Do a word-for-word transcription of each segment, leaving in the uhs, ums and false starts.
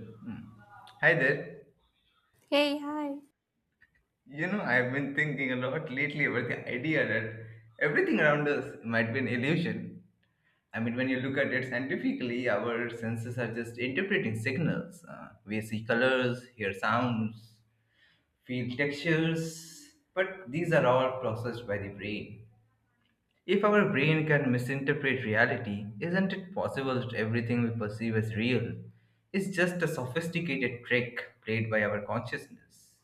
Mm. Hi there. Hey, hi. You know, I've been thinking a lot lately about the idea that everything around us might be an illusion. I mean, when you look at it scientifically, our senses are just interpreting signals. Uh, we see colors, hear sounds, feel textures, but these are all processed by the brain. If our brain can misinterpret reality, isn't it possible that everything we perceive as real is just a sophisticated trick played by our consciousness?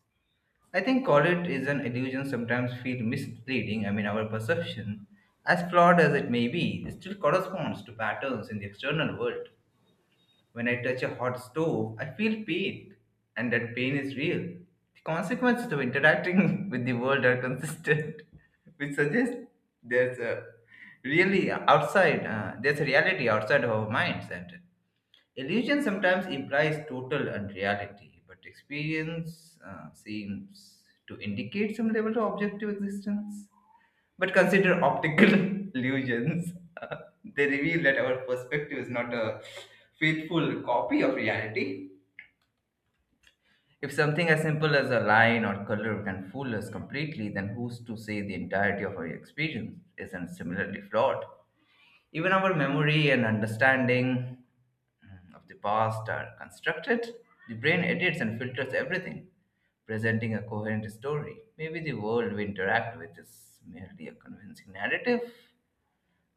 I think college is an illusion sometimes feel misleading. I mean, our perception, as flawed as it may be, still corresponds to patterns in the external world. When I touch a hot stove, I feel pain, and that pain is real. The consequences of interacting with the world are consistent, which suggests there's a really outside, uh, there's a reality outside of our minds. And illusion sometimes implies total unreality, but experience uh, seems to indicate some level of objective existence. But consider optical illusions. They reveal that our perspective is not a faithful copy of reality. If something as simple as a line or color can fool us completely, then who's to say the entirety of our experience isn't similarly flawed? Even our memory and understanding mm, of the past are constructed, the brain edits and filters everything, presenting a coherent story. Maybe the world we interact with is merely a convincing narrative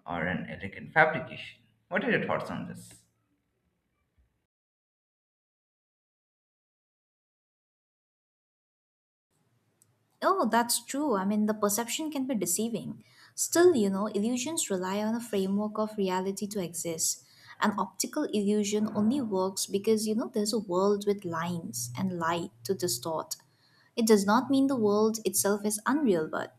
or an elegant fabrication. What are your thoughts on this? Oh, that's true. I mean, the perception can be deceiving. Still, you know, illusions rely on a framework of reality to exist. An optical illusion only works because, you know, there's a world with lines and light to distort. It does not mean the world itself is unreal, but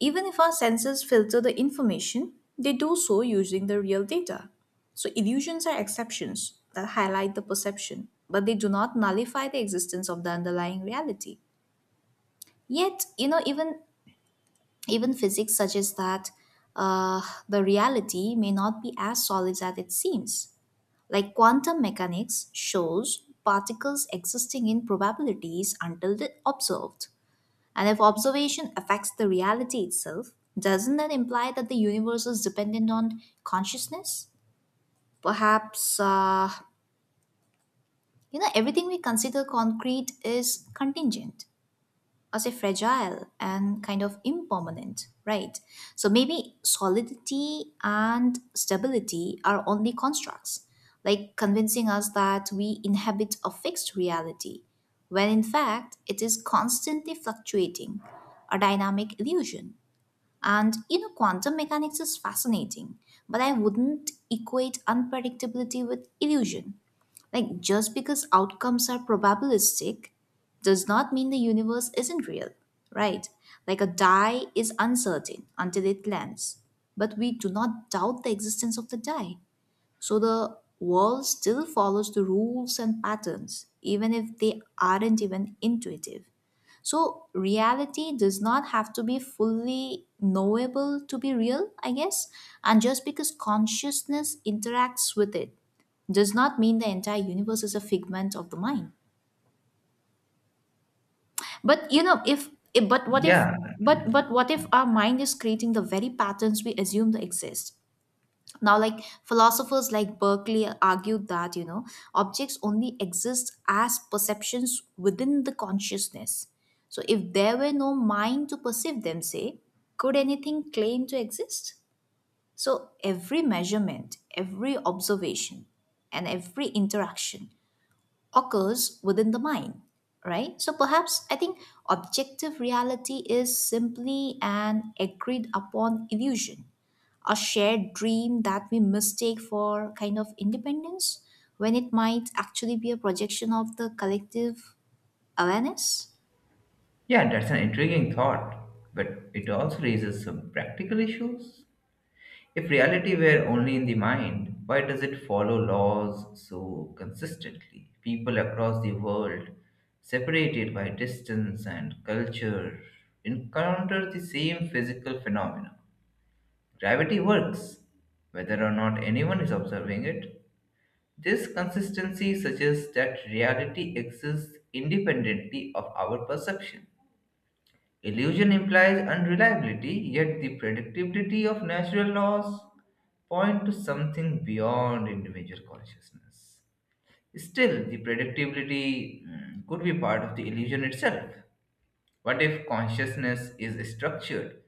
even if our senses filter the information, they do so using the real data. So, illusions are exceptions that highlight the perception, but they do not nullify the existence of the underlying reality. Yet, you know, even even physics suggests that uh, the reality may not be as solid as it seems. Like quantum mechanics shows particles existing in probabilities until they're observed. And if observation affects the reality itself, doesn't that imply that the universe is dependent on consciousness? Perhaps, uh, you know, everything we consider concrete is contingent as a fragile and kind of impermanent, right? So maybe solidity and stability are only constructs, like convincing us that we inhabit a fixed reality, when in fact it is constantly fluctuating, a dynamic illusion. And you know, quantum mechanics is fascinating, but I wouldn't equate unpredictability with illusion. Like, just because outcomes are probabilistic does not mean the universe isn't real, right? Like, a die is uncertain until it lands, but we do not doubt the existence of the die. So the world still follows the rules and patterns, even if they aren't even intuitive. So reality does not have to be fully knowable to be real, I guess. And just because consciousness interacts with it does not mean the entire universe is a figment of the mind. But you know, if, if but what if Yeah, but but what if our mind is creating the very patterns we assume they exist? Now, like philosophers like Berkeley argued that, you know, objects only exist as perceptions within the consciousness. So if there were no mind to perceive them, say, could anything claim to exist? So every measurement, every observation, and every interaction occurs within the mind, right? So perhaps I think objective reality is simply an agreed upon illusion, a shared dream that we mistake for kind of independence when it might actually be a projection of the collective awareness. yeah, that's an intriguing thought, but it also raises some practical issues. If reality were only in the mind, why does it follow laws so consistently? People across the world, separated by distance and culture, encounter the same physical phenomena. Gravity works, whether or not anyone is observing it. This consistency suggests that reality exists independently of our perception. Illusion implies unreliability, yet the predictability of natural laws point to something beyond individual consciousness. Still, the predictability mm, could be part of the illusion itself. What if consciousness is structured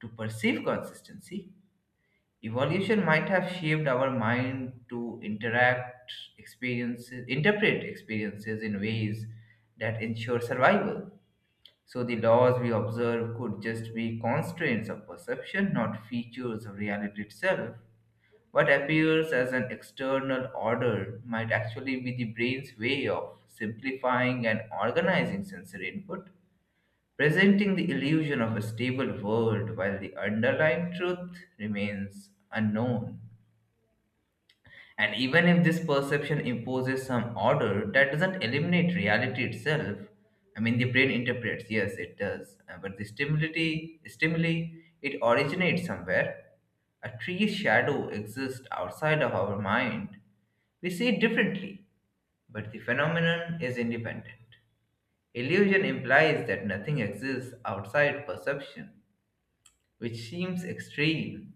to perceive consistency? Evolution might have shaped our mind to interact experiences, interpret experiences in ways that ensure survival. So the laws we observe could just be constraints of perception, not features of reality itself. What appears as an external order might actually be the brain's way of simplifying and organizing sensory input, presenting the illusion of a stable world while the underlying truth remains unknown. And even if this perception imposes some order, that doesn't eliminate reality itself. I mean, the brain interprets, yes, it does. Uh, But the stimuli, stimuli, it originates somewhere. A tree's shadow exists outside of our mind. We see it differently, but the phenomenon is independent. Illusion implies that nothing exists outside perception which seems extreme.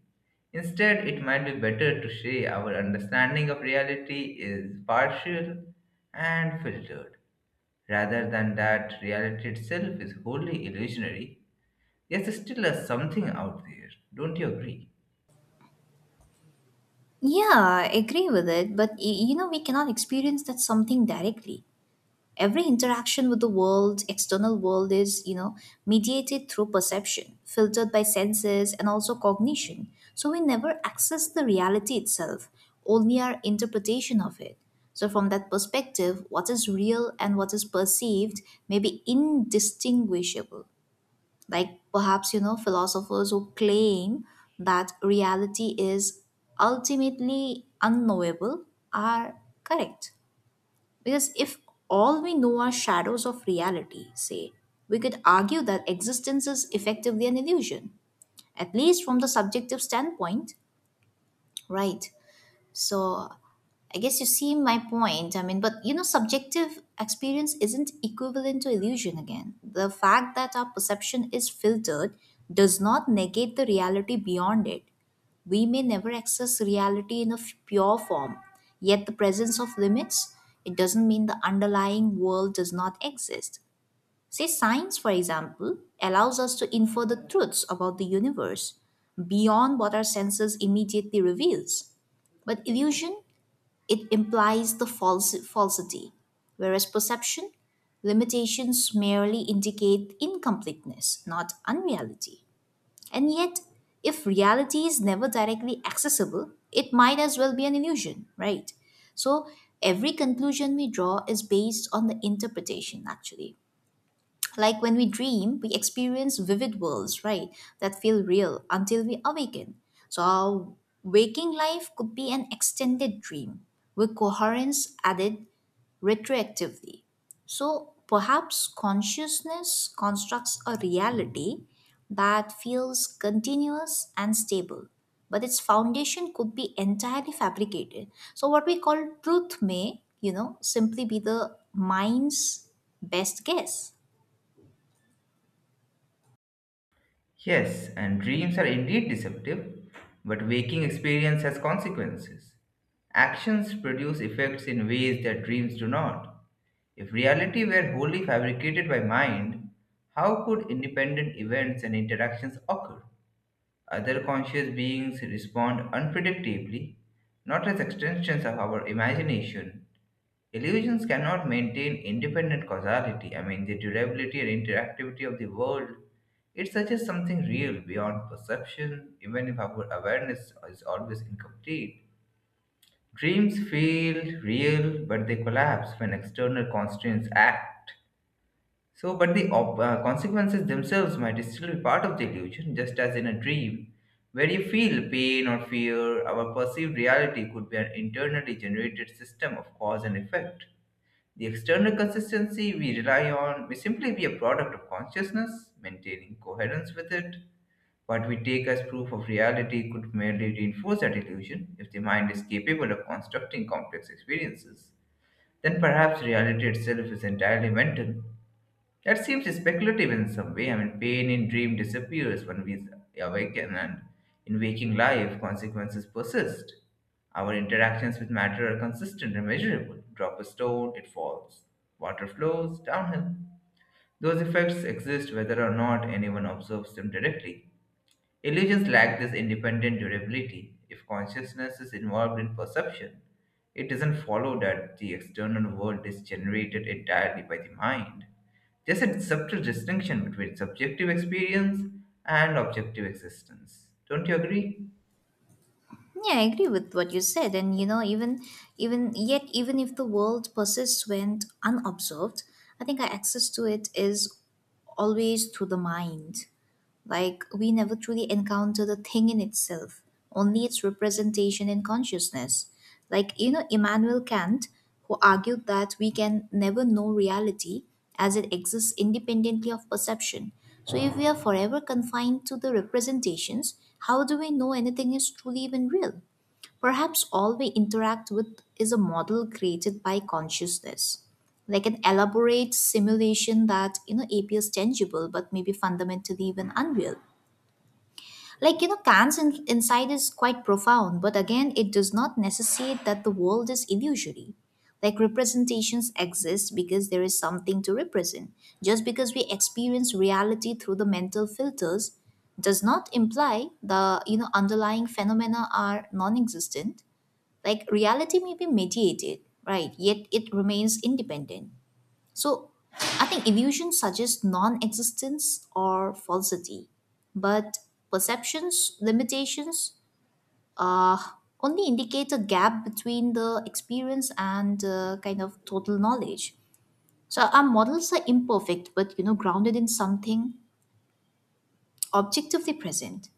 Instead, it might be better to say our understanding of reality is partial and filtered, rather than that reality itself is wholly illusionary. Yes, there's still a something out there, don't you agree? Yeah, I agree with it, but y- you know, we cannot experience that something directly. Every interaction with the world, external world, is, you know, mediated through perception, filtered by senses and also cognition. So we never access the reality itself, only our interpretation of it. So from that perspective, what is real and what is perceived may be indistinguishable. Like perhaps, you know, philosophers who claim that reality is ultimately unknowable are correct, because if all we know are shadows of reality, say, we could argue that existence is effectively an illusion, at least from the subjective standpoint, right? So I guess you see my point. I mean, but you know, subjective experience isn't equivalent to illusion again. The fact that our perception is filtered does not negate the reality beyond it. We may never access reality in a f- pure form, yet the presence of limits, it doesn't mean the underlying world does not exist. Say, science, for example, allows us to infer the truths about the universe beyond what our senses immediately reveals. But illusion, it implies the false- falsity, whereas perception limitations merely indicate incompleteness, not unreality. And yet, if reality is never directly accessible, it might as well be an illusion, right? So, every conclusion we draw is based on the interpretation, actually. Like when we dream, we experience vivid worlds, right, that feel real until we awaken. So our waking life could be an extended dream with coherence added retroactively. So perhaps consciousness constructs a reality that feels continuous and stable, but its foundation could be entirely fabricated. So what we call truth may, you know, simply be the mind's best guess. Yes, and dreams are indeed deceptive, but waking experience has consequences. Actions produce effects in ways that dreams do not. If reality were wholly fabricated by mind, how could independent events and interactions occur? Other conscious beings respond unpredictably, not as extensions of our imagination. Illusions cannot maintain independent causality. I mean, the durability and interactivity of the world. It suggests something real beyond perception, even if our awareness is always incomplete. Dreams feel real, but they collapse when external constraints act. So, but the op- uh, consequences themselves might still be part of the illusion, just as in a dream, where you feel pain or fear, our perceived reality could be an internally generated system of cause and effect. The external consistency we rely on may simply be a product of consciousness, maintaining coherence with it. What we take as proof of reality could merely reinforce that illusion. If the mind is capable of constructing complex experiences, then perhaps reality itself is entirely mental that seems speculative in some way. I mean, pain in dream disappears when we awaken, and in waking life, consequences persist. Our interactions with matter are consistent and measurable. Drop a stone, it falls. Water flows downhill. Those effects exist whether or not anyone observes them directly. Illusions lack this independent durability. If consciousness is involved in perception, it doesn't follow that the external world is generated entirely by the mind. There's a subtle distinction between subjective experience and objective existence. Don't you agree? Yeah, I agree with what you said. And you know, even even yet, even if the world persists when unobserved, I think our access to it is always through the mind. Like we never truly encounter the thing in itself, only its representation in consciousness. Like, you know, Immanuel Kant, who argued that we can never know reality as it exists independently of perception. So if we are forever confined to the representations, how do we know anything is truly even real? Perhaps all we interact with is a model created by consciousness, like an elaborate simulation that, you know, appears tangible but maybe fundamentally even unreal. Like you know, Kant's in- insight is quite profound, but again, it does not necessitate that the world is illusory. Like representations exist because there is something to represent. Just because we experience reality through the mental filters does not imply the, you know, underlying phenomena are non-existent. Like reality may be mediated, right? Yet it remains independent. So I think illusion suggests non existence or falsity, but perceptions, limitations, uh, only indicate a gap between the experience and uh, kind of total knowledge. So our models are imperfect, but you know, grounded in something objectively present.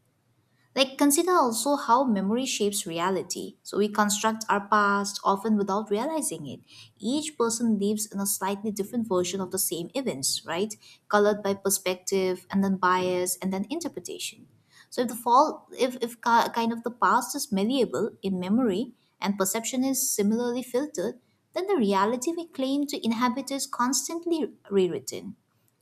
Like, consider also how memory shapes reality. So, we construct our past often without realizing it. Each person lives in a slightly different version of the same events, right? Colored by perspective and then bias and then interpretation. So, if the fall, if, if ki- kind of the past is malleable in memory and perception is similarly filtered, then the reality we claim to inhabit is constantly rewritten,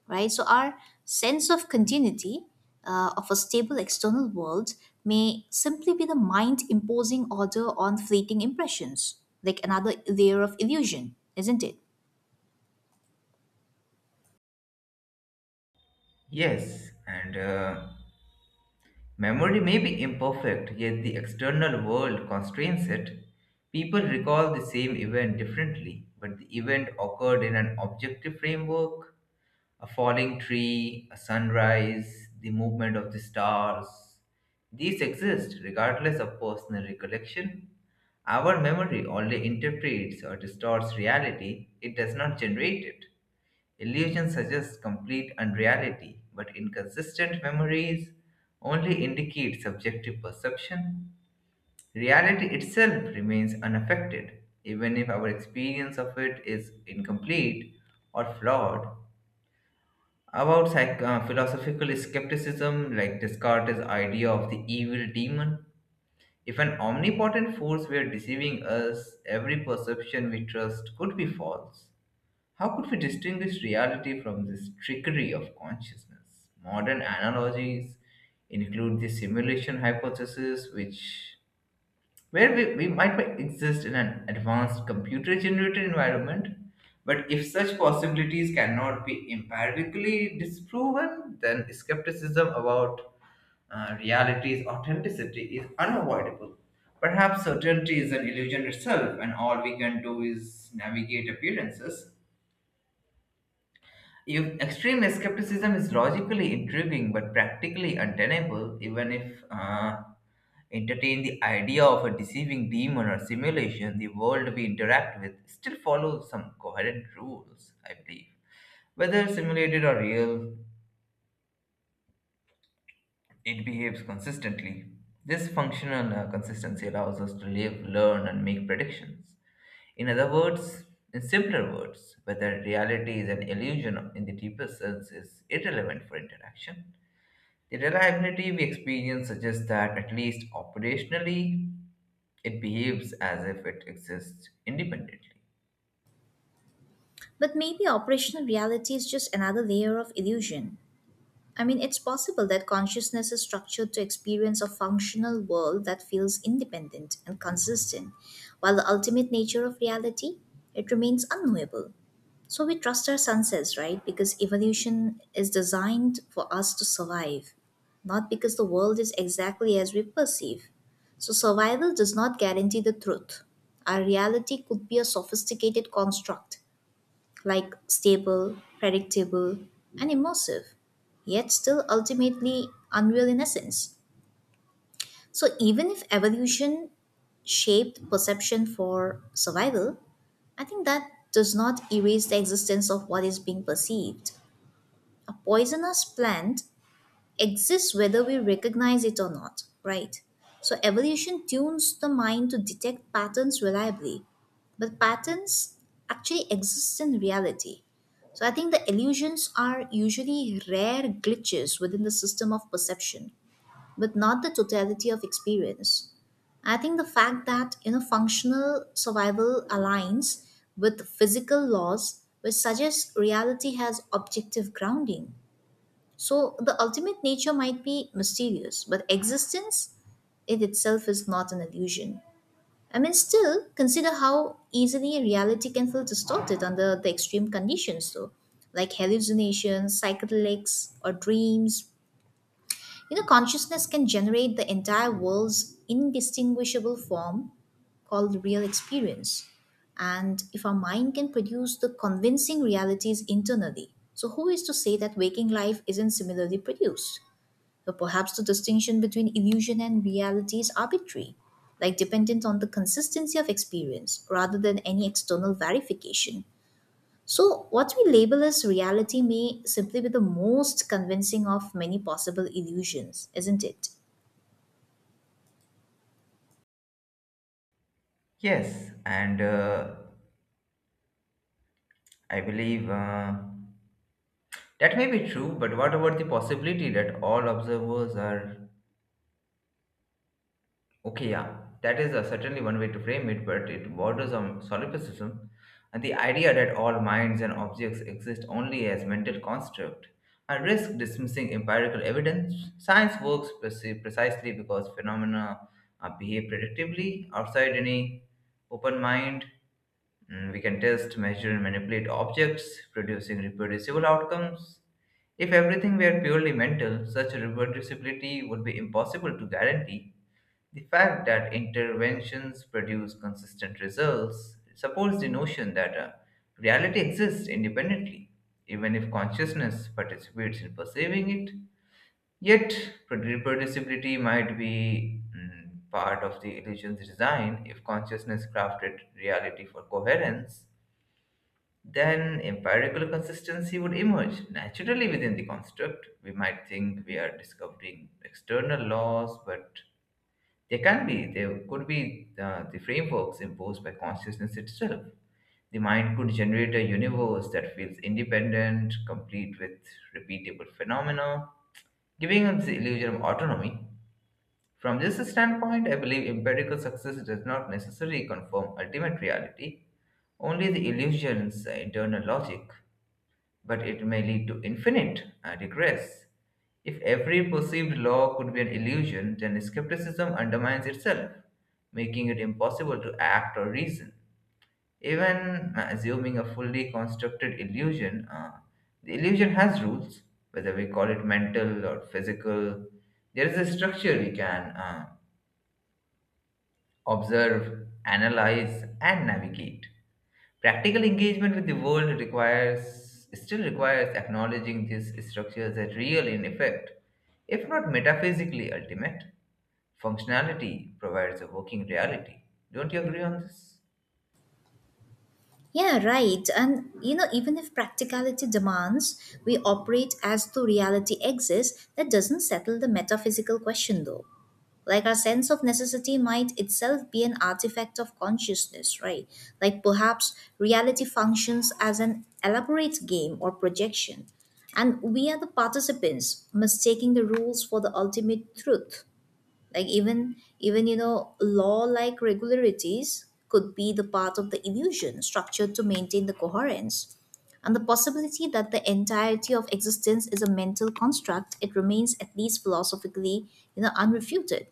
right? So our sense of continuity, uh, of a stable external world, may simply be the mind imposing order on fleeting impressions, like another layer of illusion, isn't it? Yes, and uh, memory may be imperfect, yet the external world constrains it. People recall the same event differently, but the event occurred in an objective framework a falling tree, a sunrise, the movement of the stars. These exist regardless of personal recollection. Our memory only interprets or distorts reality, it does not generate it. Illusion suggests complete unreality, but inconsistent memories only indicate subjective perception. Reality itself remains unaffected, even if our experience of it is incomplete or flawed. About psych- uh, philosophical skepticism, like Descartes' idea of the evil demon, if an omnipotent force were deceiving us, every perception we trust could be false. How could we distinguish reality from this trickery of consciousness? Modern analogies include the simulation hypothesis, which where we, we might be- exist in an advanced computer generated environment. But if such possibilities cannot be empirically disproven, then skepticism about uh, reality's authenticity is unavoidable. Perhaps certainty is an illusion itself, and all we can do is navigate appearances. If extreme skepticism is logically intriguing but practically untenable, even if uh, entertain the idea of a deceiving demon or simulation, the world we interact with still follows some coherent rules, I believe. Whether simulated or real, it behaves consistently. This functional uh, consistency allows us to live, learn, and make predictions. In other words, in simpler words, whether reality is an illusion in the deepest sense is irrelevant for interaction. The reliability we experience suggests that, at least operationally, it behaves as if it exists independently. But maybe operational reality is just another layer of illusion. I mean, it's possible that consciousness is structured to experience a functional world that feels independent and consistent, while the ultimate nature of reality, it remains unknowable. So we trust our senses, right? Because evolution is designed for us to survive, not because the world is exactly as we perceive. So survival does not guarantee the truth. Our reality could be a sophisticated construct, like stable, predictable, and immersive, yet still ultimately unreal in essence. So, even if evolution shaped perception for survival, I think that does not erase the existence of what is being perceived. A poisonous plant exists whether we recognize it or not, right? So evolution tunes the mind to detect patterns reliably, but patterns actually exist in reality. So I think the illusions are usually rare glitches within the system of perception, but not the totality of experience. I think the fact that, you know, functional survival aligns with physical laws, which suggests reality has objective grounding. So the ultimate nature might be mysterious, but existence, it itself is not an illusion. I mean, still, consider how easily reality can feel distorted under the extreme conditions, though, like hallucinations, psychedelics, or dreams. You know, consciousness can generate the entire world's indistinguishable form called real experience. And if our mind can produce the convincing realities internally, so who is to say that waking life isn't similarly produced? So perhaps the distinction between illusion and reality is arbitrary, like dependent on the consistency of experience rather than any external verification. So, what we label as reality may simply be the most convincing of many possible illusions, isn't it? Yes, and uh, I believe uh, that may be true, but what about the possibility that all observers are okay, yeah, that is uh, certainly one way to frame it, but it borders on solipsism and the idea that all minds and objects exist only as mental construct. I risk dismissing empirical evidence. Science works preci- precisely because phenomena uh, behave predictively outside any open mind. Mm, we can test, measure, and manipulate objects, producing reproducible outcomes. If everything were purely mental, such reproducibility would be impossible to guarantee. The fact that interventions produce consistent results supports the notion that uh, reality exists independently, even if consciousness participates in perceiving it. Yet, reproducibility might be mm, part of the illusion's design. If consciousness crafted reality for coherence, then empirical consistency would emerge naturally within the construct. We might think we are discovering external laws, but they can be. There could be the, the frameworks imposed by consciousness itself. The mind could generate a universe that feels independent, complete with repeatable phenomena, giving us the illusion of autonomy. From this standpoint, I believe empirical success does not necessarily confirm ultimate reality, only the illusion's internal logic but it may lead to infinite uh, regress. If every perceived law could be an illusion, then skepticism undermines itself, making it impossible to act or reason. Even uh, assuming a fully constructed illusion, uh, the illusion has rules, whether we call it mental or physical. There is a structure we can uh, observe, analyze, and navigate. Practical engagement with the world requires still requires acknowledging these structures as real in effect, if not metaphysically ultimate. Functionality provides a working reality. Don't you agree on this? Yeah, right. And you know, even if practicality demands, we operate as though reality exists, that doesn't settle the metaphysical question though. Like our sense of necessity might itself be an artifact of consciousness, right? Like perhaps reality functions as an elaborate game or projection, and we are the participants mistaking the rules for the ultimate truth. Like even even you know law-like regularities could be the part of the illusion structured to maintain the coherence, and the possibility that the entirety of existence is a mental construct, it remains at least philosophically, you know, unrefuted.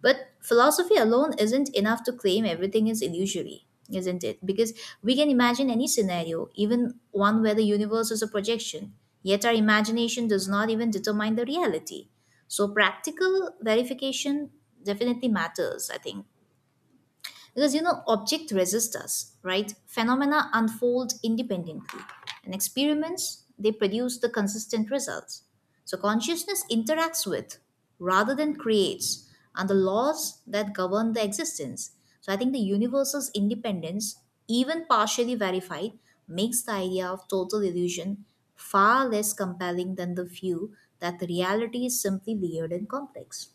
But philosophy alone isn't enough to claim everything is illusory, isn't it? Because we can imagine any scenario, even one where the universe is a projection, yet our imagination does not even determine the reality. So, practical verification definitely matters, I think. Because you know, object resist us, right? Phenomena unfold independently, and experiments they produce the consistent results. So consciousness interacts with rather than creates, and the laws that govern the existence. So I think the universe's independence, even partially verified, makes the idea of total illusion far less compelling than the view that the reality is simply layered and complex.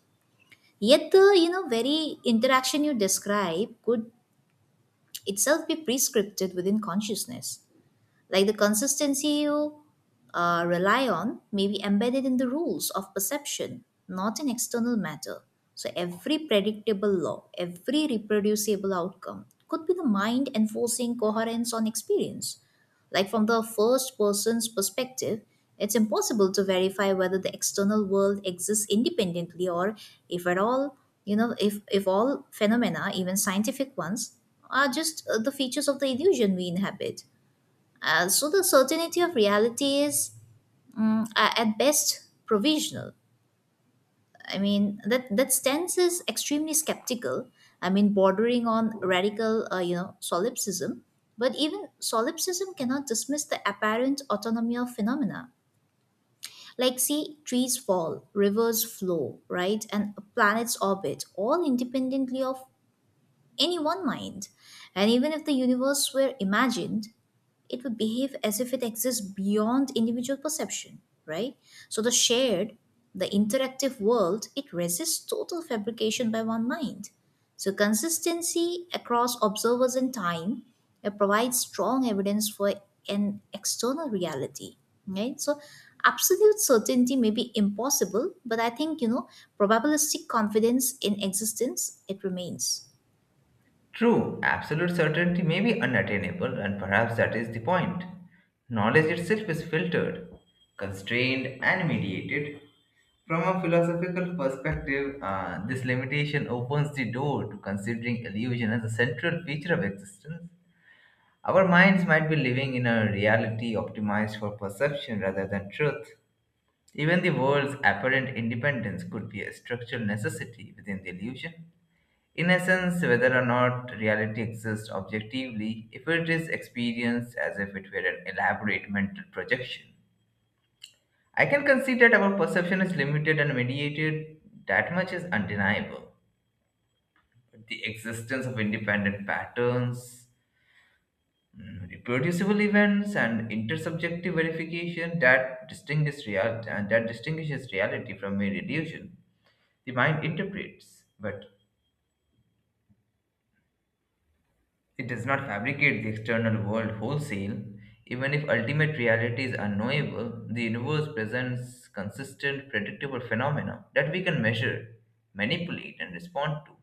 Yet the, you know, very interaction you describe could itself be prescripted within consciousness. Like the consistency you uh, rely on may be embedded in the rules of perception, not in external matter. So every predictable law, every reproducible outcome could be the mind enforcing coherence on experience. Like from the first person's perspective, it's impossible to verify whether the external world exists independently or if at all, you know, if, if all phenomena, even scientific ones, are just uh, the features of the illusion we inhabit. Uh, so the certainty of reality is mm, a- at best provisional. I mean that that stance is extremely skeptical. I mean bordering on radical, uh, you know, solipsism. But even solipsism cannot dismiss the apparent autonomy of phenomena. Like, see, trees fall, rivers flow, right? And planets orbit, all independently of any one mind. And even if the universe were imagined, it would behave as if it exists beyond individual perception, right? So the shared, the interactive world, it resists total fabrication by one mind. So consistency across observers and time it provides strong evidence for an external reality, right? So absolute certainty may be impossible, but I think you know probabilistic confidence in existence it remains. True, absolute certainty may be unattainable, and perhaps that is the point. Knowledge itself is filtered, constrained, and mediated. From a philosophical perspective, uh, this limitation opens the door to considering illusion as a central feature of existence. Our minds might be living in a reality optimized for perception rather than truth. Even the world's apparent independence could be a structural necessity within the illusion. In essence, whether or not reality exists objectively, if it is experienced as if it were an elaborate mental projection, I can concede that our perception is limited and mediated. That much is undeniable. But the existence of independent patterns, mm, reproducible events, and intersubjective verification that distinguishes, real- that distinguishes reality from mere illusion the mind interprets. But it does not fabricate the external world wholesale. Even if ultimate reality is unknowable, the universe presents consistent, predictable phenomena that we can measure, manipulate, and respond to.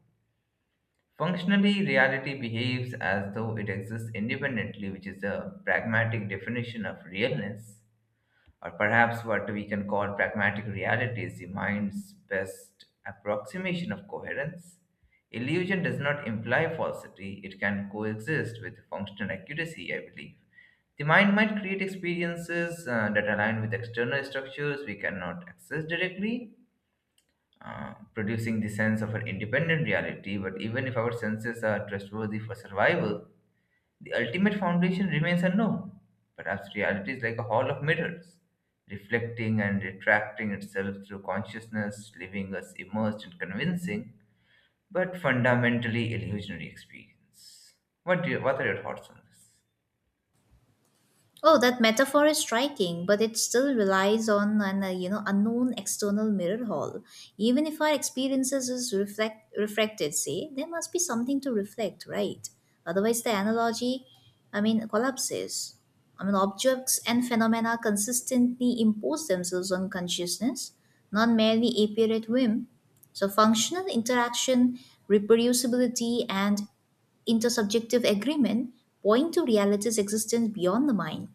Functionally, reality behaves as though it exists independently, which is a pragmatic definition of realness or perhaps what we can call pragmatic reality is the mind's best approximation of coherence. Illusion does not imply falsity, it can coexist with functional accuracy, I believe. The mind might create experiences uh, that align with external structures we cannot access directly, uh, producing the sense of an independent reality. But even if our senses are trustworthy for survival, the ultimate foundation remains unknown. Perhaps reality is like a hall of mirrors, reflecting and retracting itself through consciousness, leaving us immersed in convincing but fundamentally illusionary experience. What, do you, what are your thoughts on this? Oh, that metaphor is striking, but it still relies on an uh, you know unknown external mirror hall. Even if our experiences is reflect refracted, say there must be something to reflect, right? Otherwise, the analogy, I mean, collapses. I mean, objects and phenomena consistently impose themselves on consciousness, not merely appear at whim. So, functional interaction, reproducibility, and intersubjective agreement point to reality's existence beyond the mind.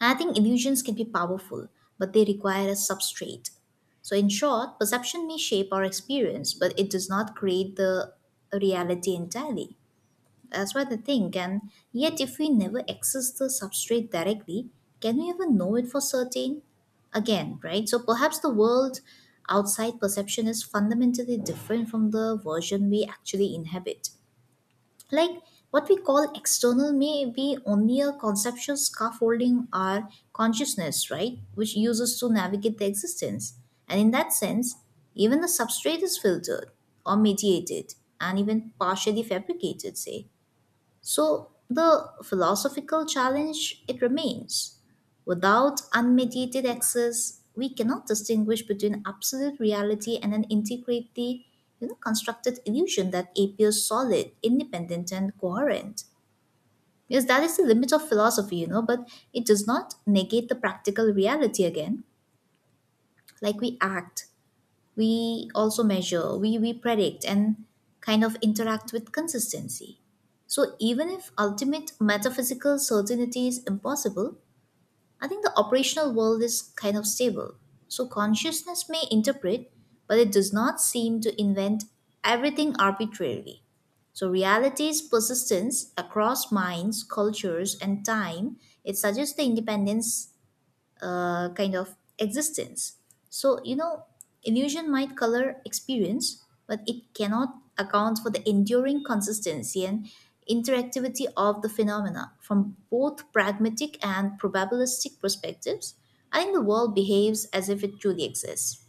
I think illusions can be powerful, but they require a substrate. So, in short, perception may shape our experience, but it does not create the reality entirely. That's what I think. And yet, if we never access the substrate directly, can we even know it for certain? Again, right? So, perhaps the world outside perception is fundamentally different from the version we actually inhabit, like what we call external may be only a conceptual scaffolding our consciousness, right, which uses to navigate the existence, and in that sense even the substrate is filtered or mediated and even partially fabricated, say, so the philosophical challenge it remains. Without unmediated access, we cannot distinguish between absolute reality and an integrity, you know, constructed illusion that appears solid, independent, and coherent. Yes, that is the limit of philosophy, you know, but it does not negate the practical reality again. Like we act, we also measure, we, we predict, and kind of interact with consistency. So, even if ultimate metaphysical certainty is impossible, I think the operational world is kind of stable. So, consciousness may interpret, but it does not seem to invent everything arbitrarily. So, reality's persistence across minds, cultures, and time, it suggests the independence uh, kind of existence. So, you know, illusion might color experience, but it cannot account for the enduring consistency and interactivity of the phenomena from both pragmatic and probabilistic perspectives. I think the world behaves as if it truly exists.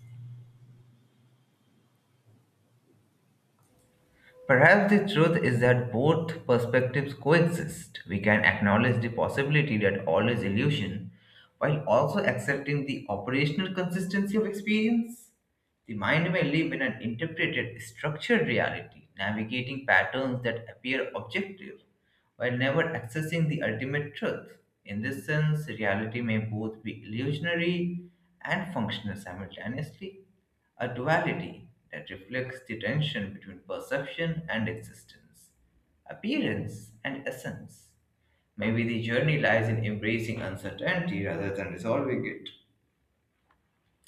Perhaps the truth is that both perspectives coexist. We can acknowledge the possibility that all is illusion while also accepting the operational consistency of experience. The mind may live in an interpreted, structured reality, navigating patterns that appear objective while never accessing the ultimate truth. In this sense, reality may both be illusionary and functional simultaneously, a duality that reflects the tension between perception and existence, appearance and essence. Maybe the journey lies in embracing uncertainty rather than resolving it.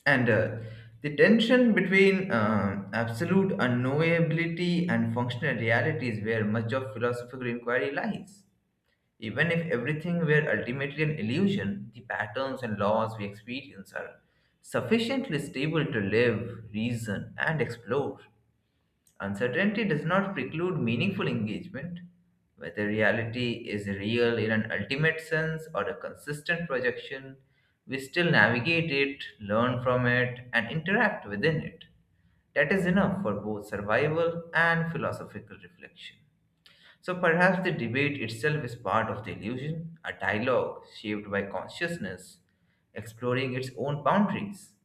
And uh, the tension between uh, absolute unknowability and functional reality is where much of philosophical inquiry lies. Even if everything were ultimately an illusion, the patterns and laws we experience are sufficiently stable to live, reason, and explore. Uncertainty does not preclude meaningful engagement, whether reality is real in an ultimate sense or a consistent projection. We still navigate it, learn from it, and interact within it. That is enough for both survival and philosophical reflection. So perhaps the debate itself is part of the illusion, a dialogue shaped by consciousness, exploring its own boundaries.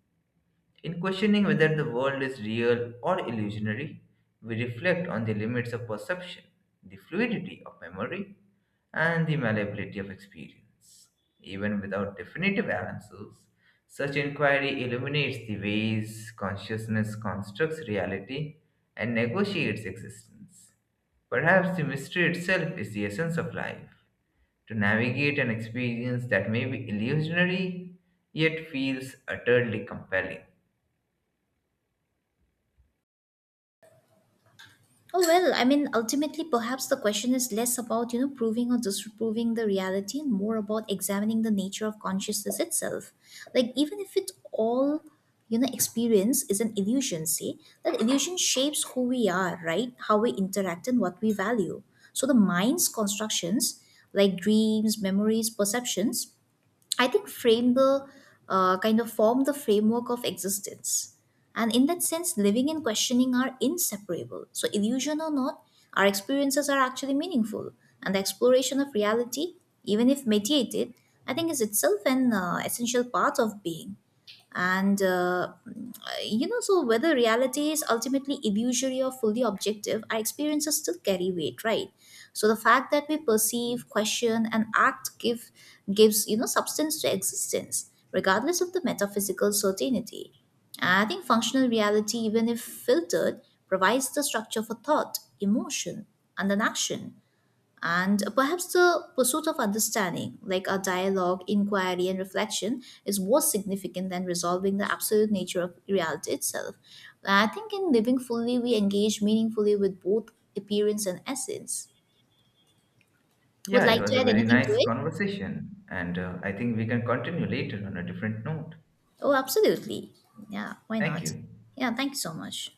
In questioning whether the world is real or illusionary, we reflect on the limits of perception, the fluidity of memory, and the malleability of experience. Even without definitive answers, such inquiry illuminates the ways consciousness constructs reality and negotiates existence. Perhaps the mystery itself is the essence of life to navigate an experience that may be illusionary yet feels utterly compelling. Oh well, I mean, ultimately, perhaps the question is less about you know proving or disproving the reality, and more about examining the nature of consciousness itself. Like even if it all, you know experience is an illusion, see that illusion shapes who we are, right? How we interact and what we value. So the mind's constructions, like dreams, memories, perceptions, I think frame the uh, kind of form the framework of existence. And in that sense, living and questioning are inseparable. So, illusion or not, our experiences are actually meaningful. And the exploration of reality, even if mediated, I think is itself an uh, essential part of being, and uh, you know so whether reality is ultimately illusory or fully objective, our experiences still carry weight, right? So the fact that we perceive, question, and act give gives you know substance to existence regardless of the metaphysical certainty. I think functional reality, even if filtered, provides the structure for thought, emotion, and an action, and perhaps the pursuit of understanding, like a dialogue, inquiry, and reflection, is more significant than resolving the absolute nature of reality itself. I think in living fully, we engage meaningfully with both appearance and essence. Would Yeah, it like was to a add very anything to nice it? conversation, and uh, I think we can continue later on a different note. Oh, absolutely. Yeah, why Thank not? you. Yeah, thank you so much.